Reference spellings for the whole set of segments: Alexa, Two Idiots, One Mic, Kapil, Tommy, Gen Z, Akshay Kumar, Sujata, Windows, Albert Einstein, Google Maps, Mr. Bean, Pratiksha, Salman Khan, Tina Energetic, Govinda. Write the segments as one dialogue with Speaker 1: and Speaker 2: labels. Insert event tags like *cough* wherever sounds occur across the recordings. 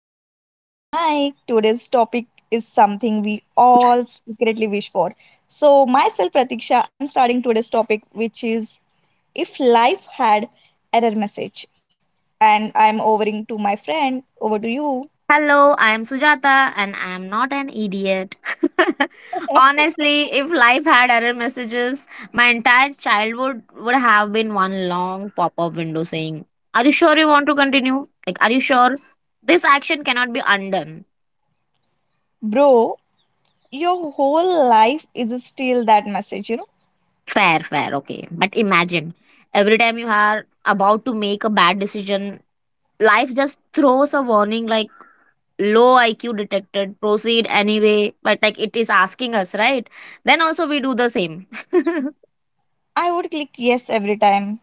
Speaker 1: Idiots, One Mic. Today's topic is something we all secretly wish for. So, myself, Pratiksha, I'm starting today's topic, which is if life had error message. And I'm overing to my friend, over to you.
Speaker 2: Hello, I am Sujata and I am not an idiot. *laughs* Honestly, if life had error messages, my entire childhood would have been one long pop up window saying, "Are you sure you want to continue? Like, are you sure? This action cannot be undone."
Speaker 1: Bro, your whole life is still that message, you know?
Speaker 2: Fair, fair, okay. But imagine every time you are about to make a bad decision, life just throws a warning like, "Low IQ detected, proceed anyway." But like it is asking us, right? Then also we do the same. *laughs*
Speaker 1: I would click yes every time.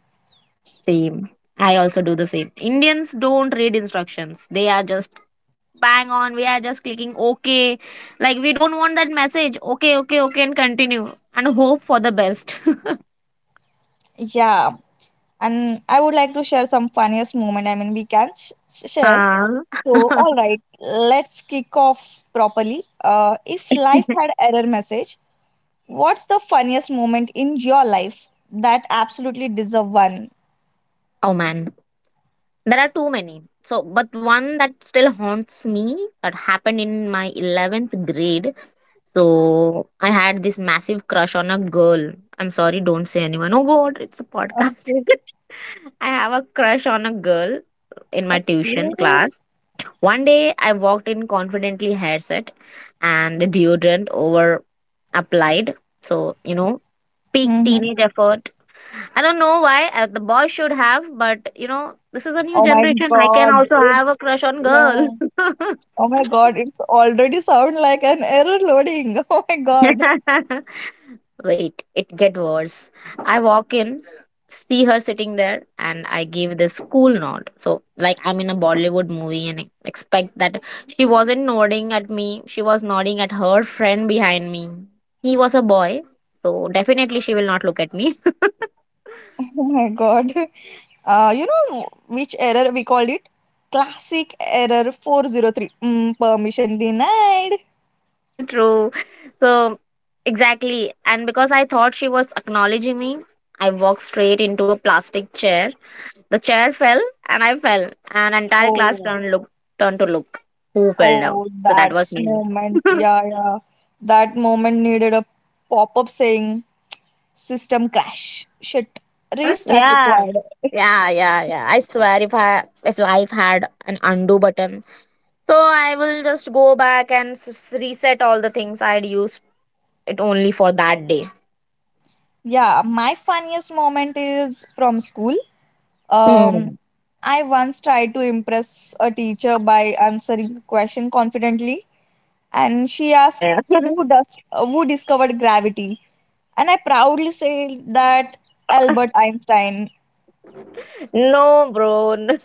Speaker 2: Same. I also do the same. Indians don't read instructions. They are just bang on. We are just clicking okay. Like we don't want that message. Okay, okay, okay, and continue. And hope for the best. *laughs*
Speaker 1: Yeah, and I would like to share some funniest moment. We can share.
Speaker 2: Ah.
Speaker 1: So all
Speaker 2: *laughs*
Speaker 1: right, let's kick off properly. If life had error message, what's the funniest moment in your life that absolutely deserve one?
Speaker 2: Oh man. There are too many. So, but one that still haunts me that happened in my 11th grade. So I had this massive crush on a girl. I'm sorry, don't say anyone. Oh God, it's a podcast.
Speaker 1: Okay.
Speaker 2: *laughs* I have a crush on a girl in my tuition
Speaker 1: Okay.
Speaker 2: class. One day I walked in confidently, hair set and deodorant over applied. So, you know, peak
Speaker 1: Hmm.
Speaker 2: teenage effort. I don't know why the boy should have, but you know, this is a new
Speaker 1: Oh my
Speaker 2: generation. I can
Speaker 1: god,
Speaker 2: also have a
Speaker 1: it's,
Speaker 2: crush on girl.
Speaker 1: yeah, oh my god, it's already sound like an error loading. *laughs* Oh my god.
Speaker 2: *laughs* Wait, it get worse. I walk in, see her sitting there, and I give this cool nod. So, like I'm in a Bollywood movie and expect that she wasn't nodding at me. She was nodding at her friend behind me. He was a boy, so definitely she will not look at me.
Speaker 1: Oh my god. You know which error we called it? Classic error 403. Permission denied.
Speaker 2: *laughs* True. So, exactly. And because I thought she was acknowledging me, I walked straight into a plastic chair. The chair fell and I fell, and entire class
Speaker 1: Oh.
Speaker 2: turned to look who fell down.
Speaker 1: Oh,
Speaker 2: So that
Speaker 1: that
Speaker 2: was me.
Speaker 1: moment.
Speaker 2: *laughs*
Speaker 1: Yeah, yeah. That moment needed a pop-up saying system crash. Shit. Restart
Speaker 2: Yeah,
Speaker 1: required.
Speaker 2: yeah, yeah, yeah. I swear, if life had an undo button, so I will just go back and reset all the things I'd used it only for that day.
Speaker 1: Yeah, my funniest moment is from school. Um,
Speaker 2: Mm.
Speaker 1: I once tried to impress a teacher by answering a question confidently, and she asked
Speaker 2: Yeah, yeah.
Speaker 1: who discovered gravity. And I proudly say that Albert Einstein.
Speaker 2: *laughs* No, bro. No.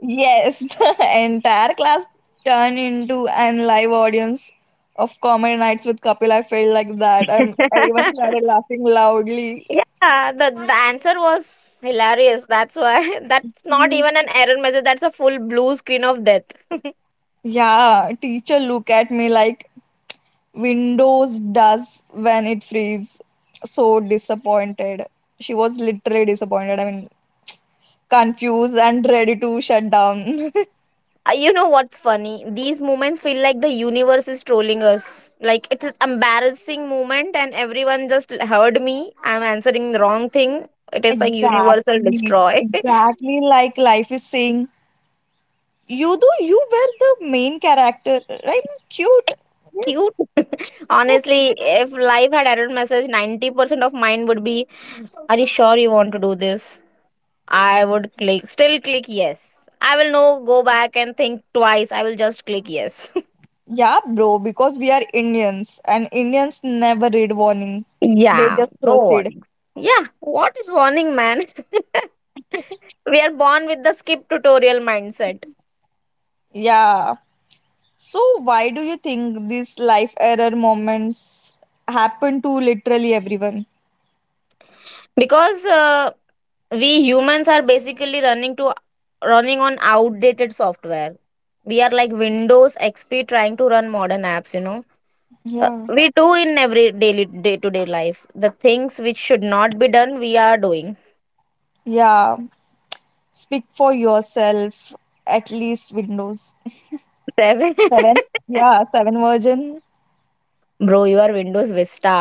Speaker 1: Yes. *laughs* The entire class turned into an live audience of comedy nights with Kapil. I felt like that.
Speaker 2: *laughs* Yeah,
Speaker 1: Everyone started laughing loudly.
Speaker 2: the answer was hilarious. That's why *laughs* that's not
Speaker 1: Mhm.
Speaker 2: even an error message. That's a full blue screen of death.
Speaker 1: Yeah, teacher look at me like Windows does when it frees. So disappointed. She was literally disappointed. I mean, confused and ready to shut down. *laughs*
Speaker 2: You know what's funny? These moments feel like the universe is trolling us. Like it is embarrassing moment, and everyone just heard me. I'm answering the wrong thing. It is like universal
Speaker 1: Exactly.
Speaker 2: destroy.
Speaker 1: Exactly, like life is saying, you though you were the main character, right? Cute.
Speaker 2: *laughs*
Speaker 1: Yes.
Speaker 2: Cute. *laughs*
Speaker 1: Yes.
Speaker 2: Honestly, if life had error message, 90% of mine would be, "Are you sure you want to do this?" I would click, still click yes. I will no go back and think twice. I will just click yes.
Speaker 1: Yeah, bro, because we are Indians, and Indians never read warning.
Speaker 2: *laughs*
Speaker 1: They
Speaker 2: Yeah.
Speaker 1: just
Speaker 2: No
Speaker 1: proceed.
Speaker 2: warning. Yeah. What is warning, man? *laughs* We are born with the skip tutorial mindset
Speaker 1: Yeah. So why do you think these life error moments happen to literally everyone?
Speaker 2: because we humans are basically running on outdated software. We are like Windows XP trying to run modern apps, you know.
Speaker 1: Yeah.
Speaker 2: We do in every daily day to day life the things which should not be done, we are doing.
Speaker 1: Yeah. Speak for yourself, at least Windows.
Speaker 2: Ravi-
Speaker 1: Seven? Yeah, seven version.
Speaker 2: *laughs* bro, you are Windows Vista,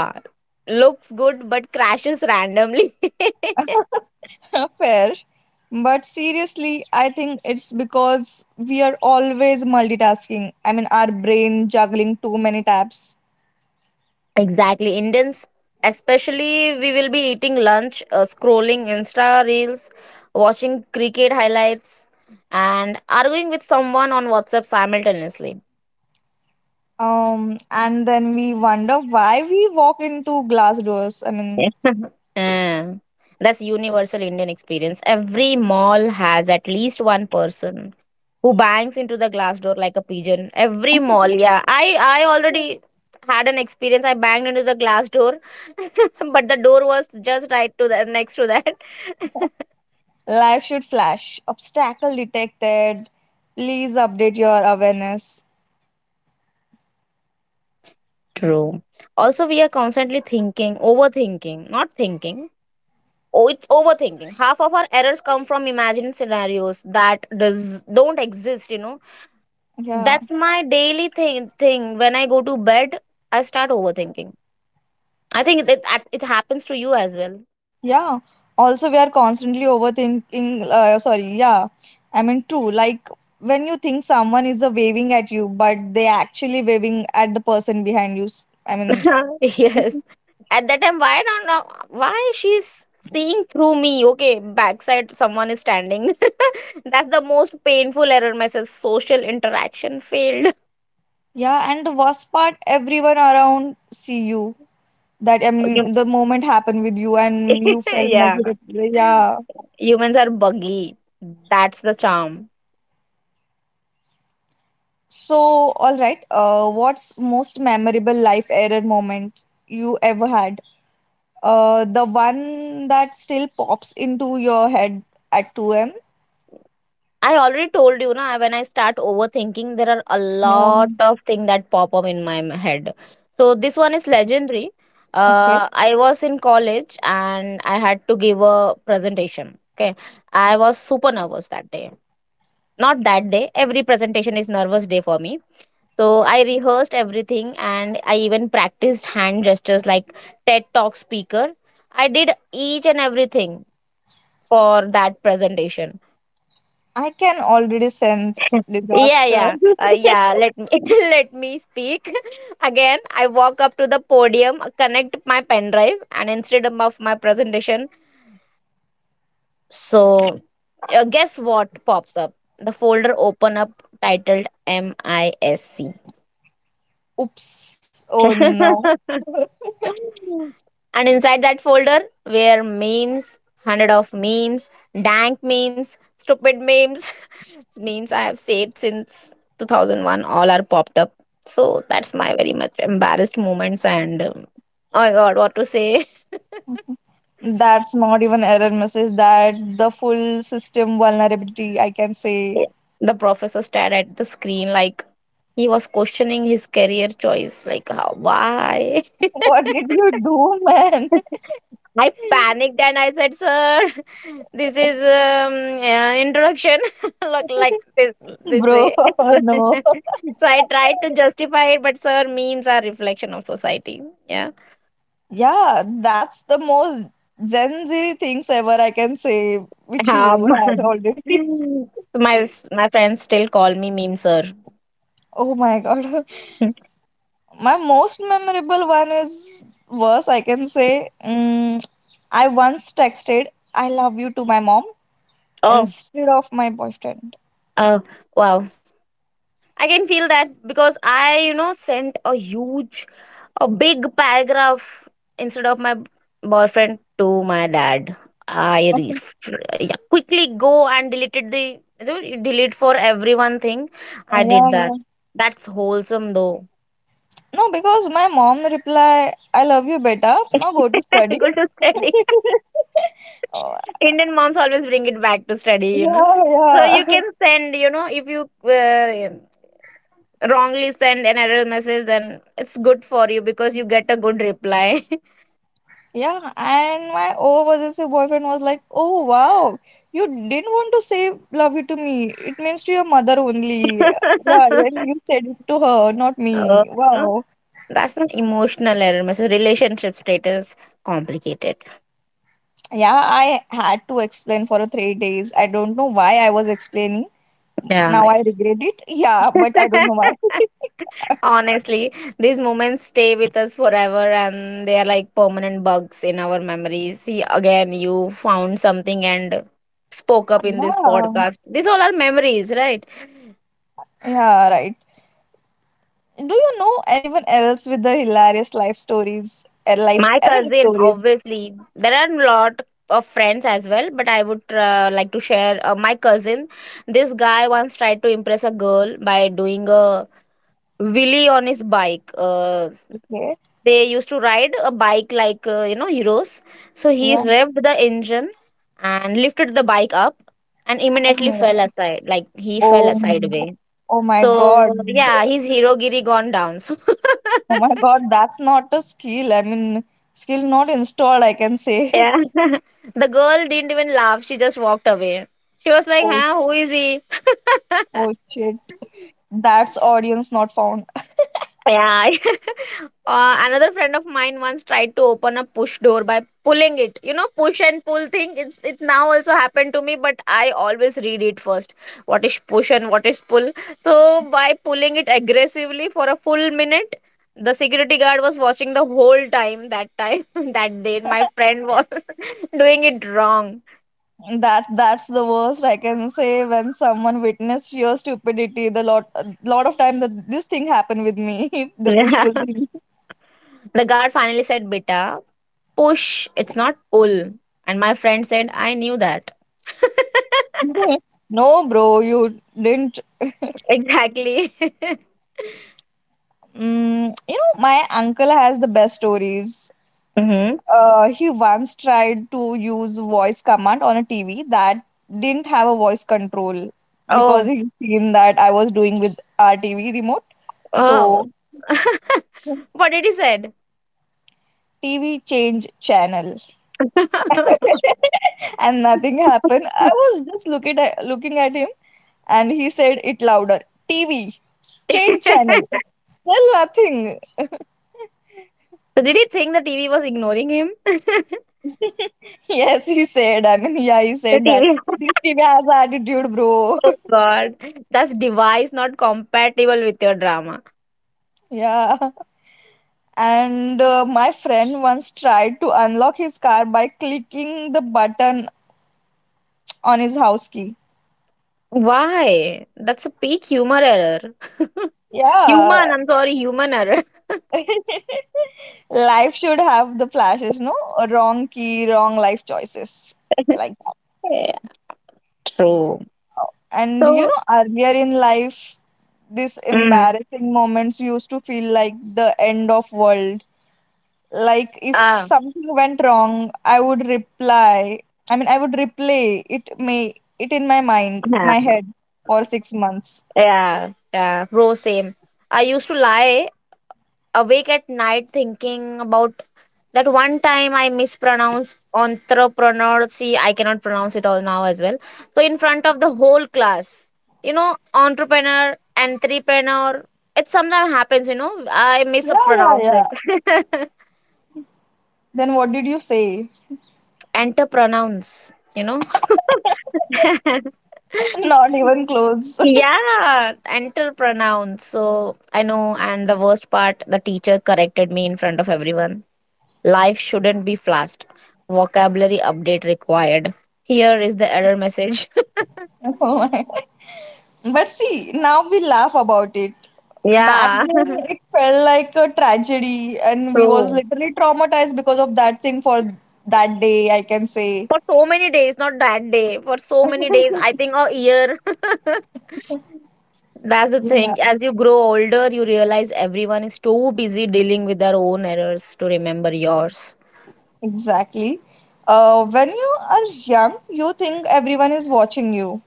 Speaker 2: looks good but crashes randomly. *laughs*
Speaker 1: *laughs* Fair. But seriously, I think it's because we are always multitasking. I mean, our brain juggling too many tabs.
Speaker 2: Exactly. Indians, especially, we will be eating lunch, scrolling Insta reels, watching cricket highlights, and arguing with someone on WhatsApp simultaneously.
Speaker 1: And then we wonder why we walk into glass doors. I mean,
Speaker 2: Yeah. *laughs* Yeah. That's universal Indian experience. Every mall has at least one person who bangs into the glass door like a pigeon. Every mall, yeah. I already had an experience. I banged into the glass door, *laughs* but the door was just right to the next to that. *laughs*
Speaker 1: life should flash. Obstacle detected. Please update your awareness.
Speaker 2: True. Also, we are constantly thinking, overthinking, not thinking. Oh, it's overthinking. Half of our errors come from imagined scenarios that does don't exist. You know,
Speaker 1: Yeah.
Speaker 2: that's my daily thing. Thing when I go to bed, I start overthinking. I think it happens to you as well.
Speaker 1: Yeah. Also, we are constantly overthinking. Sorry. Yeah. I mean, true. Like when you think someone is waving at you, but they actually waving at the person behind you. I mean,
Speaker 2: *laughs* Yes.
Speaker 1: *laughs*
Speaker 2: At that time, why don't know why she's seeing through me? Okay, backside someone is standing. *laughs* That's the most painful error myself. Social interaction failed.
Speaker 1: yeah. And the worst part, everyone around see you. That, I
Speaker 2: Yeah, you
Speaker 1: mean, the moment happened with you, and
Speaker 2: *laughs*
Speaker 1: you felt
Speaker 2: yeah.
Speaker 1: miserable. Yeah.
Speaker 2: Humans are buggy. That's the charm.
Speaker 1: So, all right. What's most memorable life error moment you ever had? The one that still pops into your head at 2 a.m.?
Speaker 2: I already told you, na, when I start overthinking, there are a lot
Speaker 1: Yeah.
Speaker 2: of things that pop up in my head. So this one is legendary.
Speaker 1: Okay.
Speaker 2: I was in college and I had to give a presentation. Okay. I was super nervous that day. Not that day. Every presentation is nervous day for me. So I rehearsed everything and I even practiced hand gestures like TED Talk speaker. I did each and everything for that presentation.
Speaker 1: I can already sense
Speaker 2: *laughs* Yeah, yeah,
Speaker 1: disaster.
Speaker 2: yeah. Let me *laughs* let me speak *laughs* again. I walk up to the podium, connect my pen drive, and instead of my presentation, so guess what pops up? The folder open up titled MISC.
Speaker 1: *laughs* Oops. Oh
Speaker 2: *laughs*
Speaker 1: no.
Speaker 2: And inside that folder were memes, hundred of memes, dank memes, stupid memes, *laughs* memes I have saved since 2001. All are popped up. So that's my very much embarrassed moments and oh my god, what to say?
Speaker 1: That's not even error message. That the full system vulnerability, I can say.
Speaker 2: The professor stared at the screen like he was questioning his career choice. Like, how, why? *laughs*
Speaker 1: What did you do, man?
Speaker 2: I panicked and I said, "Sir, *laughs* this is introduction. *laughs* Look like this
Speaker 1: *laughs*
Speaker 2: this
Speaker 1: Bro,
Speaker 2: way." *laughs*
Speaker 1: *laughs*
Speaker 2: So
Speaker 1: no.
Speaker 2: I tried to justify it, but sir, memes are reflection of society. Yeah.
Speaker 1: Yeah, that's the most Gen Z things ever, I can say, which
Speaker 2: Um,
Speaker 1: you had already.
Speaker 2: *laughs*
Speaker 1: *laughs*
Speaker 2: my friends still call me meme sir.
Speaker 1: Oh my god. *laughs* My most memorable one is worse, I can say. I once texted, I love you, to my mom
Speaker 2: *laughs* Oh,
Speaker 1: instead of my boyfriend.
Speaker 2: oh, wow. I can feel that because I, you know, sent a huge, a big paragraph instead of my boyfriend to my dad. I re-
Speaker 1: Okay.
Speaker 2: yeah, quickly go and deleted the you know, you delete for everyone thing. I
Speaker 1: Yeah,
Speaker 2: did that.
Speaker 1: yeah.
Speaker 2: That's wholesome though.
Speaker 1: No, because my mom reply, I love you, beta. Now go to study.
Speaker 2: *laughs*
Speaker 1: *laughs*
Speaker 2: Go to study.
Speaker 1: Oh,
Speaker 2: Indian moms always bring it back to study, you know.
Speaker 1: yeah,
Speaker 2: So you
Speaker 1: yeah.
Speaker 2: can send, you know, if you wrongly send an error message, then it's good for you because you get a good reply.
Speaker 1: *laughs* Yeah, and my overseas boyfriend was like, oh, wow, you didn't want to say love you to me. It means to your mother only. Yeah, and
Speaker 2: *laughs*
Speaker 1: you said it to her, not
Speaker 2: Oh,
Speaker 1: me. Wow.
Speaker 2: that's an emotional error message. Relationship status complicated.
Speaker 1: Yeah, I had to explain for 3 days. I don't know why I was explaining.
Speaker 2: Yeah.
Speaker 1: Now I regret it. Yeah, but I don't know why.
Speaker 2: *laughs*
Speaker 1: *laughs*
Speaker 2: Honestly, these moments stay with us forever and they are like permanent bugs in our memories. See, again, you found something and spoke up in this
Speaker 1: Yeah.
Speaker 2: podcast. These all are memories, right?
Speaker 1: Yeah, right. Do you know anyone else with the hilarious life stories, life
Speaker 2: My
Speaker 1: error
Speaker 2: cousin,
Speaker 1: stories?
Speaker 2: obviously, there are a lot of friends as well, but I would like to share my cousin. This guy once tried to impress a girl by doing a wheelie on his bike.
Speaker 1: Okay.
Speaker 2: They used to ride a bike like you know, heroes. So he
Speaker 1: Yeah.
Speaker 2: revved the engine and lifted the bike up, and immediately
Speaker 1: *laughs*
Speaker 2: fell aside. Like he fell
Speaker 1: Oh my,
Speaker 2: sideways.
Speaker 1: oh my
Speaker 2: So
Speaker 1: God.
Speaker 2: yeah, his hero giri gone down. *laughs* So
Speaker 1: Oh my God, that's not a skill. I mean, skill not installed, I can say.
Speaker 2: yeah. *laughs* The girl didn't even laugh. She just walked away. She
Speaker 1: *laughs*
Speaker 2: was like,
Speaker 1: Oh,
Speaker 2: huh, who is he?
Speaker 1: oh shit. That's
Speaker 2: *laughs*
Speaker 1: audience not found.
Speaker 2: Yeah. *laughs* Another friend of mine once tried to open a push door by pulling it. You know, push and pull thing. It's now also happened to me, but I always read it first. What is push and what is pull? So by pulling it aggressively for a full minute, the security guard was watching the whole time. That time, *laughs* that day, my friend was *laughs* doing it wrong. *laughs*
Speaker 1: That that's the worst, I can say, when someone witnessed your stupidity. The lot of time that this thing happened with me, *laughs* the push
Speaker 2: Yeah.
Speaker 1: pull thing.
Speaker 2: The guard finally said, "Beta, push, it's not pull." And my friend said, "I knew that."
Speaker 1: *laughs*
Speaker 2: *laughs*
Speaker 1: No, bro, you didn't.
Speaker 2: Exactly. *laughs*
Speaker 1: Mm, you know, my uncle has the best stories.
Speaker 2: Hmm.
Speaker 1: He once tried to use voice command on a TV that didn't have a voice control because
Speaker 2: Oh,
Speaker 1: he seen that I was doing with our TV remote. So,
Speaker 2: oh. *laughs* What did he said?
Speaker 1: TV change channel.
Speaker 2: *laughs* So
Speaker 1: *laughs* And nothing happened. I was just looking at him, and he said it louder. TV, change channel. Still nothing.
Speaker 2: did he think the TV was ignoring him? *laughs*
Speaker 1: *laughs* Yes, he said. I mean, yeah, he
Speaker 2: The
Speaker 1: said that
Speaker 2: TV.
Speaker 1: this
Speaker 2: *laughs*
Speaker 1: TV has attitude, bro.
Speaker 2: Oh
Speaker 1: *laughs*
Speaker 2: God, that's device not compatible with your drama.
Speaker 1: Yeah. And my friend once tried to unlock his car by clicking the button on his house key.
Speaker 2: Why? That's a peak humor error. *laughs*
Speaker 1: Yeah.
Speaker 2: Human, I'm sorry, human error.
Speaker 1: *laughs* Life should have the flashes, no, wrong key, wrong life choices,
Speaker 2: *laughs*
Speaker 1: like that.
Speaker 2: Yeah, true.
Speaker 1: And you
Speaker 2: So,
Speaker 1: know, earlier in life, these
Speaker 2: mm,
Speaker 1: embarrassing moments used to feel like the end of world. Like, if
Speaker 2: ah,
Speaker 1: something went wrong, I would replay it in my mind
Speaker 2: yeah,
Speaker 1: my head for 6 months.
Speaker 2: yeah, yeah, bro, same. I used to lie awake at night thinking about that one time I mispronounced entrepreneur. See, I cannot pronounce it all now as well. So, in front of the whole class, you know, entrepreneur, entrepreneur. It sometimes happens, you know, I
Speaker 1: Yeah, yeah,
Speaker 2: mispronounce
Speaker 1: yeah.
Speaker 2: it. *laughs*
Speaker 1: Then what did you say?
Speaker 2: Enter entrepreneurs, you know. *laughs*
Speaker 1: *laughs* Not even close.
Speaker 2: Yeah, enter entrepreneurs. So I know, and the worst part, the teacher corrected me in front of everyone. Life shouldn't be fast. Vocabulary update required. Here is the error message. *laughs*
Speaker 1: *laughs* Oh my. But see, now we laugh about it. Back
Speaker 2: Yeah,
Speaker 1: then, it felt like a tragedy, and
Speaker 2: *laughs*
Speaker 1: we was
Speaker 2: true.
Speaker 1: literally traumatized because of that thing for that day, I can say.
Speaker 2: For so many days, not that day. For so many days, I
Speaker 1: *laughs*
Speaker 2: think a year. *laughs* That's the
Speaker 1: Yeah,
Speaker 2: thing. As you grow older, you realize everyone is too busy dealing with their own errors to remember yours.
Speaker 1: exactly. When you are young, you think everyone is watching you.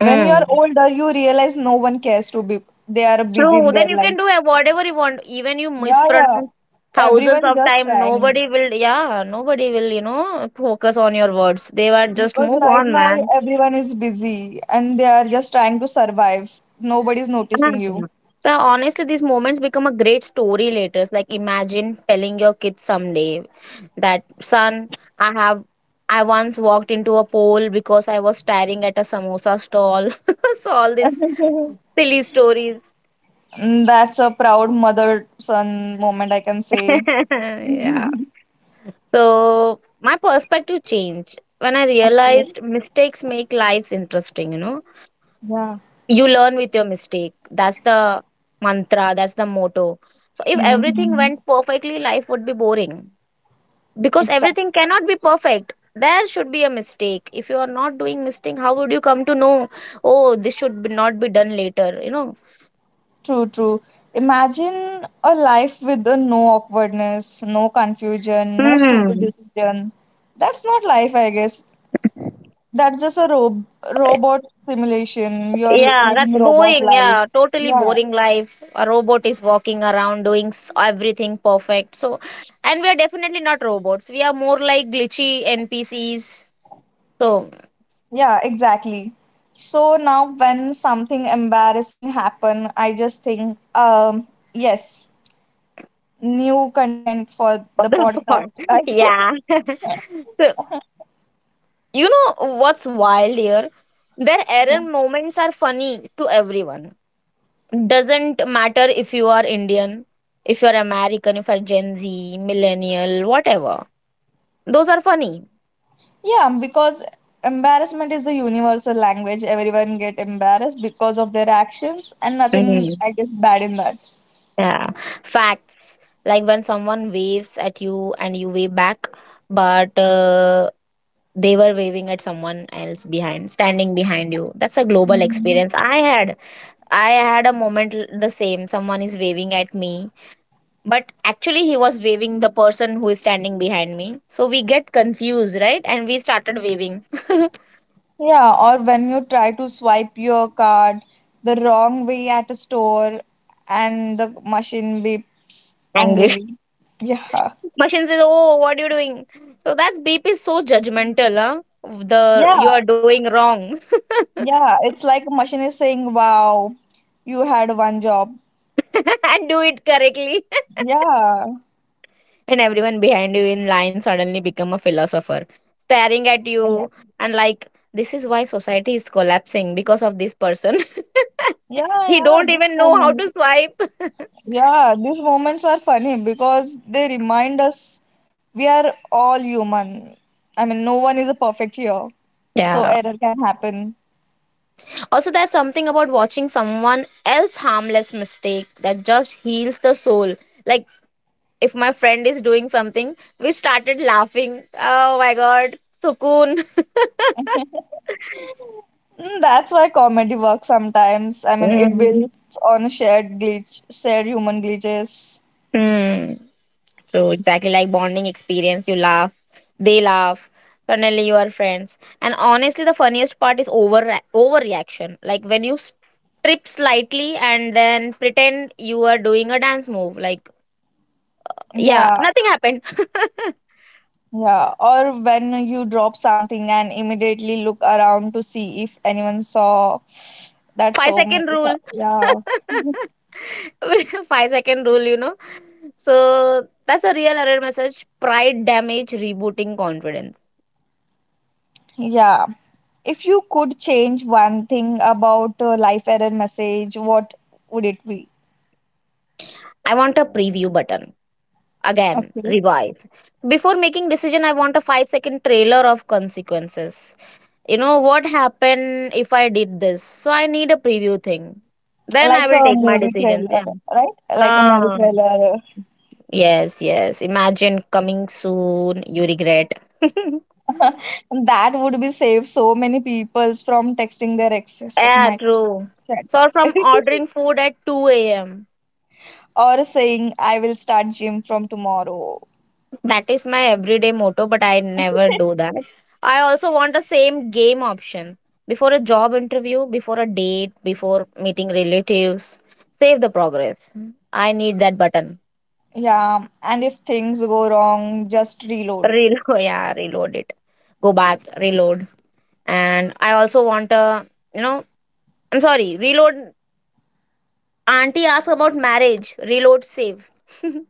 Speaker 1: When you are
Speaker 2: Mm.
Speaker 1: older, you realize no one cares to be. They are busy
Speaker 2: True.
Speaker 1: in their
Speaker 2: Then you
Speaker 1: life.
Speaker 2: can do whatever you want. Even you
Speaker 1: Yeah, yeah.
Speaker 2: mispronounce thousands
Speaker 1: Everyone
Speaker 2: of
Speaker 1: just
Speaker 2: time,
Speaker 1: trying.
Speaker 2: nobody will. Yeah, nobody will. You know, focus on your words. They were just
Speaker 1: Because
Speaker 2: move
Speaker 1: right
Speaker 2: on,
Speaker 1: now
Speaker 2: man.
Speaker 1: everyone is busy and they are just trying to survive. Nobody's noticing you.
Speaker 2: Mhm. So honestly, these moments become a great story later. Like imagine telling your kids someday that son, I have I once walked into a pole because I was staring at a samosa stall. *laughs* So all these
Speaker 1: *laughs*
Speaker 2: silly stories.
Speaker 1: And that's a proud mother son moment, I can say.
Speaker 2: *laughs* Yeah.
Speaker 1: Okay.
Speaker 2: So my perspective changed when I realized mistakes make lives interesting, you know.
Speaker 1: Yeah.
Speaker 2: You learn with your mistake. That's the mantra, that's the motto. So if everything
Speaker 1: Mhm.
Speaker 2: went perfectly, life would be boring. Because everything
Speaker 1: Exactly.
Speaker 2: cannot be perfect, there should be a mistake. If you are not doing mistake, how would you come to know, oh this should be not be done later,
Speaker 1: True, true. Imagine a life with a no awkwardness, no confusion, no stupid
Speaker 2: Hmm.
Speaker 1: decision. That's not life, I guess. That's just a robot simulation. You're
Speaker 2: Yeah,
Speaker 1: living
Speaker 2: that's
Speaker 1: robot
Speaker 2: boring.
Speaker 1: life.
Speaker 2: Yeah, totally
Speaker 1: Yeah.
Speaker 2: boring life. A robot is walking around doing everything perfect. So, and we are definitely not robots. We are more like glitchy NPCs. So,
Speaker 1: Yeah, exactly. So now when something embarrassing happen, I just think, yes, new content for
Speaker 2: *laughs*
Speaker 1: the
Speaker 2: the bar.
Speaker 1: podcast. *laughs*
Speaker 2: Yeah. *laughs* so, you know what's wild here? Their
Speaker 1: Yeah.
Speaker 2: error moments are funny to everyone. Doesn't matter if you are Indian, if you're American, if you're Gen Z, millennial, whatever. Those are funny.
Speaker 1: Yeah, because embarrassment is a universal language. Everyone get embarrassed because of their actions, and nothing,
Speaker 2: Mhm.
Speaker 1: I guess, bad in that.
Speaker 2: Yeah. Facts. Like when someone waves at you and you wave back, but they were waving at someone else behind, standing behind you. That's a global
Speaker 1: Mhm.
Speaker 2: experience. I had a moment the same. Someone is waving at me, but actually he was waving the person who is standing behind me. So we get confused, right? And we started waving. *laughs*
Speaker 1: Yeah, or when you try to swipe your card the wrong way at a store, and the machine beeps
Speaker 2: Angry.
Speaker 1: angrily. Yeah.
Speaker 2: Machine says, "Oh, what are you doing?" So that beep is so judgmental, huh? The you
Speaker 1: Yeah,
Speaker 2: are doing wrong.
Speaker 1: Yeah, it's like a machine is saying, "Wow, you had one job."
Speaker 2: *laughs* And do it correctly. *laughs*
Speaker 1: Yeah,
Speaker 2: And everyone behind you in line suddenly become a philosopher, staring at
Speaker 1: yeah,
Speaker 2: you and like, this is why society is collapsing because of this person. *laughs*
Speaker 1: yeah.
Speaker 2: He
Speaker 1: Yeah,
Speaker 2: don't
Speaker 1: this
Speaker 2: even know how
Speaker 1: moment,
Speaker 2: to swipe. *laughs*
Speaker 1: yeah, these moments are funny because they remind us we are all human. I mean, no one is a perfect here, so
Speaker 2: Yeah.
Speaker 1: error can happen.
Speaker 2: Also, there's something about watching someone else harmless mistake that just heals the soul. Like if my friend is doing something, we started laughing. Oh my god, sukoon.
Speaker 1: Mm. That's why comedy works sometimes. I mean, it
Speaker 2: Mm-hmm.
Speaker 1: builds on shared glitch, shared human glitches.
Speaker 2: So exactly like bonding experience. You laugh, they laugh. Suddenly you are friends. And honestly, the funniest part is overreaction. Like when you strip slightly and then pretend you are doing a dance move. Like yeah,
Speaker 1: Yeah.
Speaker 2: nothing happened. *laughs*
Speaker 1: Yeah, or when you drop something and immediately look around to see if anyone saw that
Speaker 2: 5
Speaker 1: so much.
Speaker 2: second rule.
Speaker 1: Yeah,
Speaker 2: *laughs* 5 second rule. So that's a real error message. Pride damage rebooting confidence.
Speaker 1: yeah. If you could change one thing about life error message, what would it be?
Speaker 2: I want a preview button. Again,
Speaker 1: Okay,
Speaker 2: revive. Before making decision, I want a 5-second trailer of consequences. You know what happened if I did this. So I need a preview thing. Then I
Speaker 1: like
Speaker 2: will
Speaker 1: a
Speaker 2: take my
Speaker 1: movie
Speaker 2: decisions,
Speaker 1: trailer,
Speaker 2: yeah.
Speaker 1: right? Like a movie
Speaker 2: Ah.
Speaker 1: trailer.
Speaker 2: Yes, yes. Imagine coming soon, you regret. *laughs*
Speaker 1: *laughs* That would be save so many people from texting their exes. Oh
Speaker 2: Yeah,
Speaker 1: my
Speaker 2: true. So
Speaker 1: shit.
Speaker 2: from
Speaker 1: *laughs*
Speaker 2: ordering food at 2 a.m.
Speaker 1: Or saying, I will start gym from tomorrow.
Speaker 2: That is my everyday motto, but I never do that. I also want the same game option before a job interview, before a date, before meeting relatives. Save the progress. I need that button.
Speaker 1: Yeah, and if things go wrong, just reload.
Speaker 2: Reload, *laughs* yeah, reload it. Go back, reload. And I also want a, you know, I'm sorry, reload. Auntie asks about marriage, reload, save. *laughs*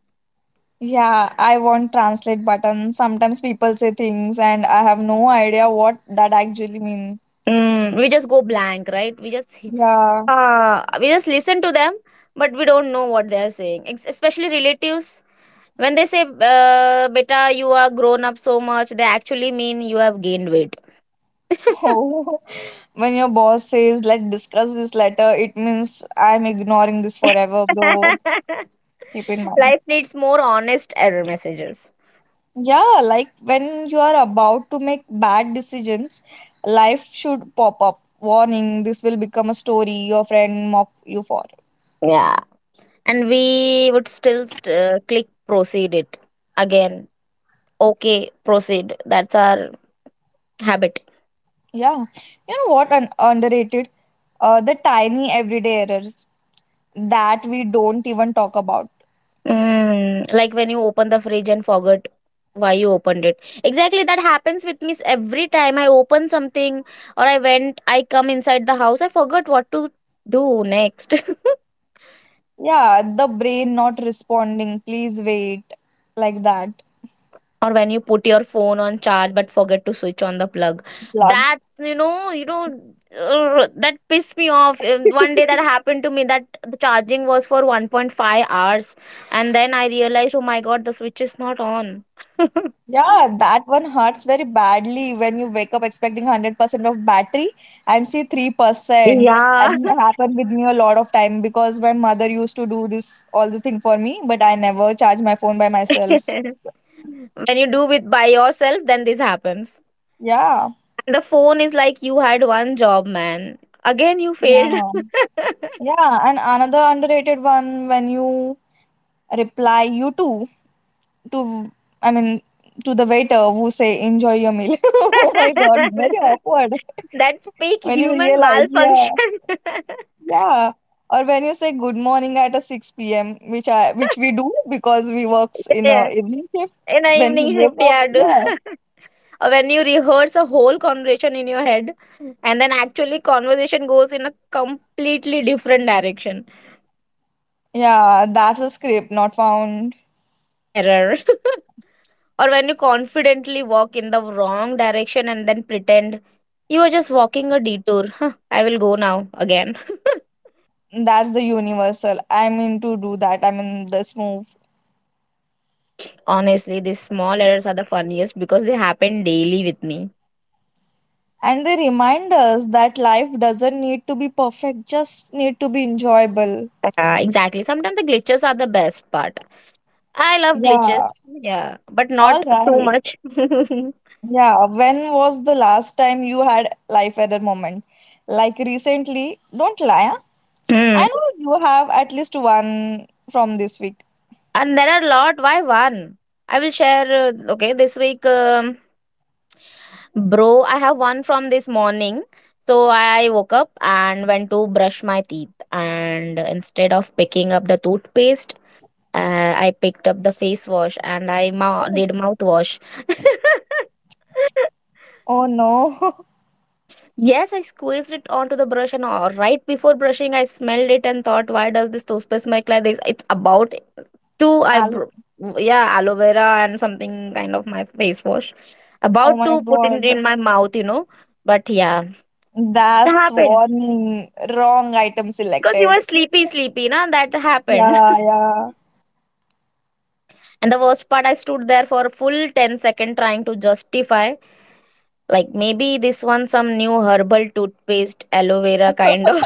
Speaker 1: Yeah, I want translate button. Sometimes people say things and I have no idea what that actually mean.
Speaker 2: Mm, we just go blank, right? We just
Speaker 1: Yeah.
Speaker 2: uh, we just listen to them, but we don't know what they are saying. Especially relatives, when they say, "Beta, you are grown up so much," they actually mean you have gained weight. *laughs*
Speaker 1: *laughs* When your boss says, let's discuss this later, it means I'm ignoring this forever, bro. Keep in mind.
Speaker 2: Life needs more honest error messages.
Speaker 1: Yeah, like when you are about to make bad decisions, life should pop up. Warning, this will become a story your friend mock you for.
Speaker 2: Yeah, and we would still click proceed it again. Okay, proceed. That's our habit.
Speaker 1: Yeah. You know what? Underrated? The tiny everyday errors that we don't even talk about.
Speaker 2: Mm, like when you open the fridge and forget why you opened it. Exactly, that happens with me every time I open something, or I went, I come inside the house, I forgot what to do next. *laughs*
Speaker 1: Yeah, the brain not responding, please wait, like that.
Speaker 2: Or when you put your phone on charge but forget to switch on the plug.
Speaker 1: Plug.
Speaker 2: That's, that pissed me off. One day that
Speaker 1: *laughs*
Speaker 2: happened to me that the charging was for 1.5 hours and then I realized, oh my god, the switch is not on. *laughs*
Speaker 1: Yeah, that one hurts very badly when you wake up expecting 100% of battery and see 3%.
Speaker 2: Yeah.
Speaker 1: And it happened with me a lot of time because my mother used to do this all the thing for me, but I never charge my phone by
Speaker 2: *laughs*
Speaker 1: myself.
Speaker 2: When you do it by yourself then this happens,
Speaker 1: Yeah.
Speaker 2: and the phone is like, you had one job, man. Again you failed.
Speaker 1: Yeah.
Speaker 2: *laughs*
Speaker 1: Yeah, and another underrated one, when you reply you too to I mean to the waiter who say enjoy your meal. *laughs* Oh my god, very awkward
Speaker 2: That's peak
Speaker 1: when you
Speaker 2: human
Speaker 1: realize, yeah,
Speaker 2: malfunction. *laughs*
Speaker 1: yeah. Or when you say good morning at a 6 p.m., which we do because we works in a
Speaker 2: Yeah.
Speaker 1: evening shift.
Speaker 2: In a
Speaker 1: When you
Speaker 2: evening
Speaker 1: woke
Speaker 2: shift,
Speaker 1: up,
Speaker 2: yeah.
Speaker 1: yeah.
Speaker 2: Have *laughs* or when you rehearse a whole conversation in your head and then actually conversation goes in a completely different direction
Speaker 1: Yeah, that's a script not found.
Speaker 2: error. Or when you confidently walk in the wrong direction and then pretend you are just walking a detour. Huh, I will go now again. *laughs*
Speaker 1: That's the universal. I mean to do that. I mean this move.
Speaker 2: Honestly, these small errors are the funniest because they happen daily with me.
Speaker 1: And they remind us that life doesn't need to be perfect, just need to be enjoyable.
Speaker 2: Yeah, exactly. Sometimes the glitches are the best part. I love glitches.
Speaker 1: Yeah.
Speaker 2: Yeah, but
Speaker 1: All
Speaker 2: not too
Speaker 1: right.
Speaker 2: much. *laughs*
Speaker 1: Yeah, when was the last time you had life error moment? Like recently, don't lie, huh? I
Speaker 2: Hmm.
Speaker 1: know you have at least one from this week.
Speaker 2: And there are a lot. Why one? I will share. Okay, this week bro, I have one from this morning. So I woke up and went to brush my teeth. And instead of picking up the toothpaste, I picked up the face wash and I
Speaker 1: Oh.
Speaker 2: did mouthwash. *laughs*
Speaker 1: Oh no. *laughs*
Speaker 2: Yes, I squeezed it onto the brush, and all right before brushing, I smelled it and thought, why does this toothpaste smell like this? It's about two
Speaker 1: I'll.
Speaker 2: eyebrow, yeah, aloe vera and something kind of my face wash.
Speaker 1: Oh
Speaker 2: About
Speaker 1: my
Speaker 2: to put it
Speaker 1: god,
Speaker 2: in my mouth, But yeah, it
Speaker 1: that's
Speaker 2: happened.
Speaker 1: warning, wrong item
Speaker 2: Because you
Speaker 1: selected.
Speaker 2: were sleepy,
Speaker 1: *laughs*
Speaker 2: sleepy, na? That happened. *laughs*
Speaker 1: Yeah, yeah.
Speaker 2: And the worst part, I stood there for a full 10 second trying to justify. Like, maybe this one some new herbal toothpaste, aloe vera kind of.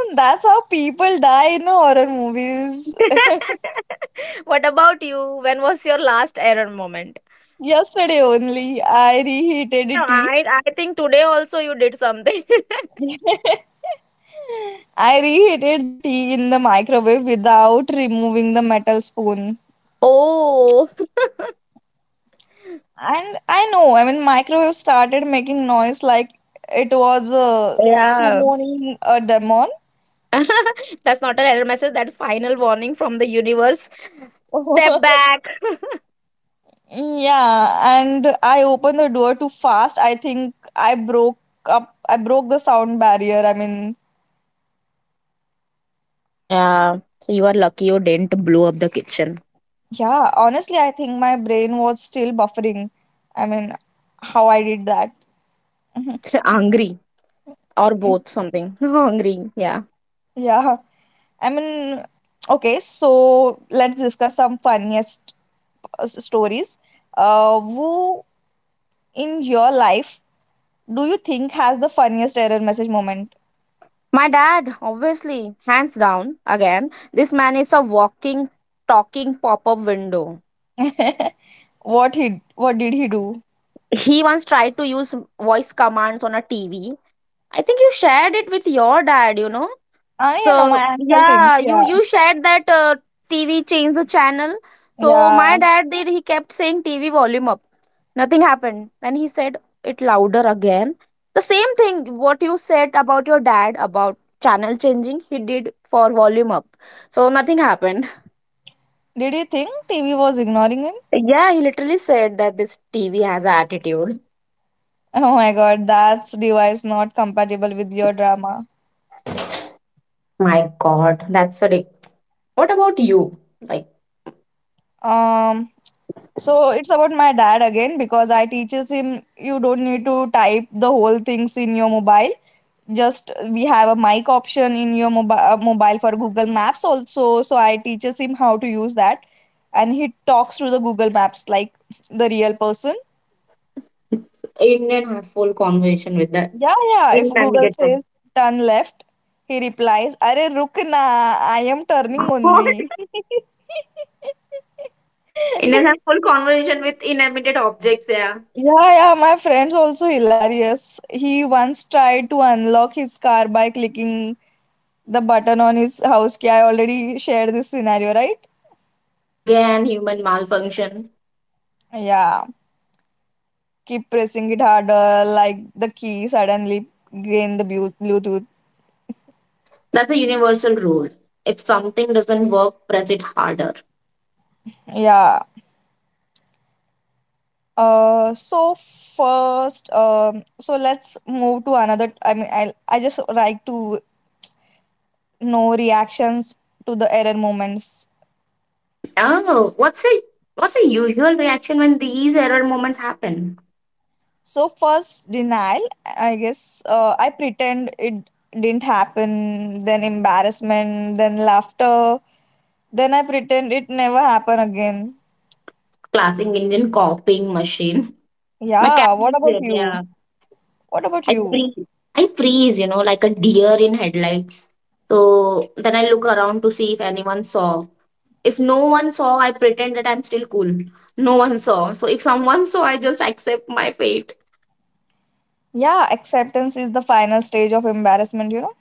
Speaker 1: And that's how people die in horror movies.
Speaker 2: *laughs* What about you? When was your last error moment?
Speaker 1: Yesterday only, I
Speaker 2: Yesterday,
Speaker 1: reheated tea.
Speaker 2: I think today also you did something.
Speaker 1: *laughs* I reheated the tea in the microwave without removing the metal spoon.
Speaker 2: *laughs* Oh. *laughs*
Speaker 1: And I know, I mean, microwave started making noise like it was a
Speaker 2: Yeah.
Speaker 1: summoning a demon.
Speaker 2: *laughs* That's not an error message, that final warning from the universe. Step
Speaker 1: *laughs*
Speaker 2: back. *laughs*
Speaker 1: Yeah, and I opened the door too fast. I think I I broke the sound barrier. I mean,
Speaker 2: Yeah. So you are lucky you didn't blow up the kitchen.
Speaker 1: yeah, honestly, I think my brain was still buffering. I mean, how I did that. *laughs*
Speaker 2: So angry or both something. *laughs* Hungry. Yeah.
Speaker 1: Yeah, I mean, okay, so let's discuss some funniest stories. Who in your life do you think has the funniest error message moment?
Speaker 2: My dad, obviously, hands down, again, this man is a walking, talking pop up window.
Speaker 1: *laughs* What he, what did he do?
Speaker 2: He once tried to use voice commands on a TV. I think you shared it with your dad, you know?
Speaker 1: Ah, yeah, no, my
Speaker 2: So
Speaker 1: uncle thinks.
Speaker 2: yeah, you
Speaker 1: Yeah.
Speaker 2: you shared that TV changed the channel. So my
Speaker 1: Yeah.
Speaker 2: dad did. He kept saying TV volume up. Nothing happened. Then he said it louder again. The same thing what you said about your dad about channel changing. He did for volume up. So nothing happened.
Speaker 1: Did you think TV was ignoring him?
Speaker 2: Yeah, he literally said that this TV has an attitude.
Speaker 1: Oh my god, that's device not compatible with your drama.
Speaker 2: My God, that's a dick. What about you? Like,
Speaker 1: Um, so it's about my dad again because I teaches him you don't need to type the whole things in your mobile. Just we have a mic option in your mobile for Google Maps also. So I teaches him how to use that and he talks through the Google Maps like the real person.
Speaker 2: Indian have full conversation with that.
Speaker 1: Yeah, yeah. If
Speaker 2: Indian
Speaker 1: Google
Speaker 2: get
Speaker 1: says turn left, he replies, "Arey, rukna, I am
Speaker 2: oh
Speaker 1: turning
Speaker 2: god.
Speaker 1: only."
Speaker 2: And then have
Speaker 1: *laughs*
Speaker 2: full conversation with inanimate objects, yeah.
Speaker 1: Yeah, yeah, my friend's also hilarious. He once tried to unlock his car by clicking the button on his house key. I already shared this scenario, right?
Speaker 2: Again, human malfunction.
Speaker 1: Yeah, keep pressing it harder, like the key suddenly gained the Bluetooth.
Speaker 2: That's a universal rule. If something doesn't work, press it harder.
Speaker 1: Yeah. First, so let's move to another. I mean, I just like to know reactions to the error moments.
Speaker 2: Oh, what's a usual reaction when these error moments happen?
Speaker 1: So first denial, I guess. I pretend it didn't happen. Then embarrassment. Then laughter. Then I pretend it never happened again.
Speaker 2: Classic Indian copying machine.
Speaker 1: Yeah. What about
Speaker 2: Mechanism,
Speaker 1: you?
Speaker 2: yeah.
Speaker 1: What about
Speaker 2: I
Speaker 1: you?
Speaker 2: freeze. I freeze, like a deer in headlights. So then I look around to see if anyone saw. If no one saw, I pretend that I'm still cool. No one saw. So if someone saw, I just accept my fate.
Speaker 1: Yeah, acceptance is the final stage of embarrassment, you know.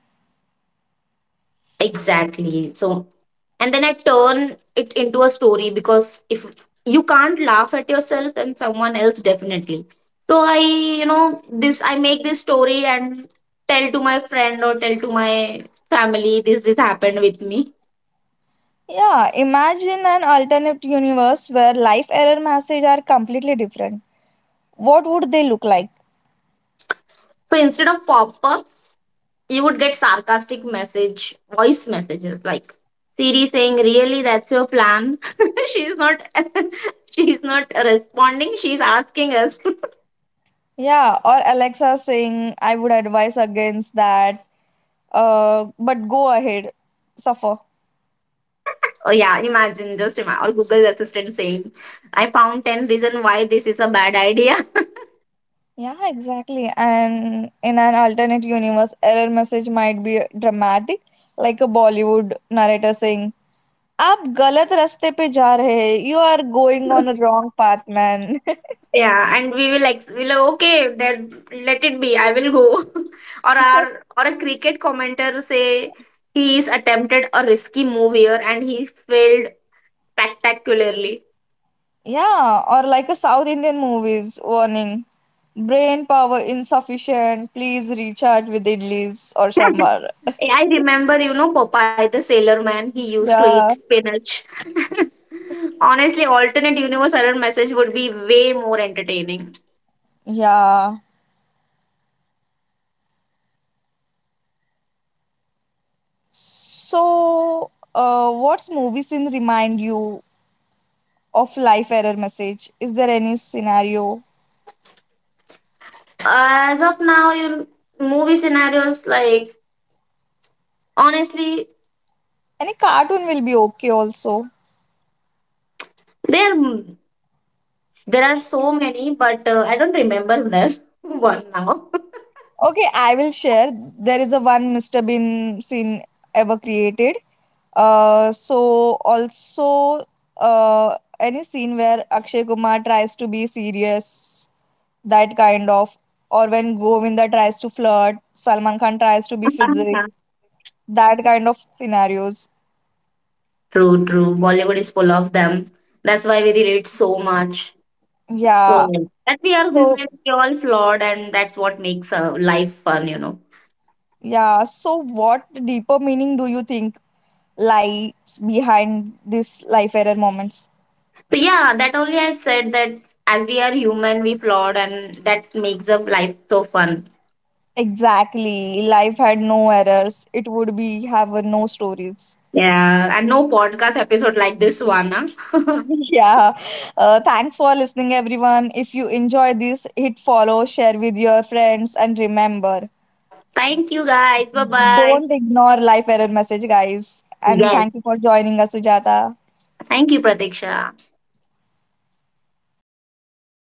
Speaker 2: Exactly. So, and then I turn it into a story because if you can't laugh at yourself then someone else definitely. So this I make this story and tell to my friend or tell to my family this happened with me.
Speaker 1: Yeah, imagine an alternate universe where life error messages are completely different. What would they look like?
Speaker 2: So instead of pop up, you would get sarcastic message voice messages like Siri saying, really, that's your plan? *laughs* She's not *laughs* she's not responding, she's asking us.
Speaker 1: Yeah, or Alexa saying, I would advise against that, but go ahead, suffer.
Speaker 2: *laughs* Oh yeah, imagine, just imagine, or Google Assistant saying, I found 10 reason why this is a bad idea.
Speaker 1: Yeah, exactly. And in an alternate universe, error message might be dramatic, like a Bollywood narrator saying, आप गलत रास्ते पे जा रहे हैं. You are going on a
Speaker 2: *laughs*
Speaker 1: wrong path, man.
Speaker 2: Yeah, and we will we'll okay then let it be, I will go. *laughs* Or
Speaker 1: *laughs*
Speaker 2: our, or a cricket commentator say he's attempted a risky move here and he failed spectacularly.
Speaker 1: Yeah, or like a South Indian movies warning. Brain power insufficient. Please recharge with idlis or
Speaker 2: *laughs*
Speaker 1: sambar.
Speaker 2: I remember, you know, Popeye the Sailor Man, he used to eat
Speaker 1: Yeah.
Speaker 2: spinach. *laughs* Honestly, alternate universe error message would be way more entertaining.
Speaker 1: Yeah. So, what's movie scene remind you of life error message? Is there any scenario?
Speaker 2: As of now, you movie scenarios like honestly,
Speaker 1: Any cartoon will be okay also.
Speaker 2: there there are so many, but I don't remember there *laughs* one now.
Speaker 1: Okay, I will share. There is a one Mr. Bean scene ever created. So also any scene where Akshay Kumar tries to be serious, that kind of, or when Govinda tries to flirt, Salman Khan tries to be
Speaker 2: *laughs*
Speaker 1: physics, that kind of scenarios.
Speaker 2: True, true. Bollywood is full of them. That's why we relate so much. So
Speaker 1: Yeah.
Speaker 2: that we are
Speaker 1: So
Speaker 2: human, we all flawed, and that's what makes life fun, you know.
Speaker 1: yeah. So what deeper meaning do you think lies behind these life error moments?
Speaker 2: So yeah, that only I said that as we are human, we flawed, and that makes the life so fun.
Speaker 1: Exactly. Life had no errors. It would be have a no stories.
Speaker 2: Yeah, and no podcast episode like this one. Huh?
Speaker 1: *laughs* Yeah. Thanks for listening, everyone. If you enjoy this, hit follow, share with your friends, and remember,
Speaker 2: *laughs* Thank you guys. Bye bye.
Speaker 1: don't ignore life error message, guys. And
Speaker 2: Yes.
Speaker 1: thank you for joining us, Sujata.
Speaker 2: Thank you, Pratiksha.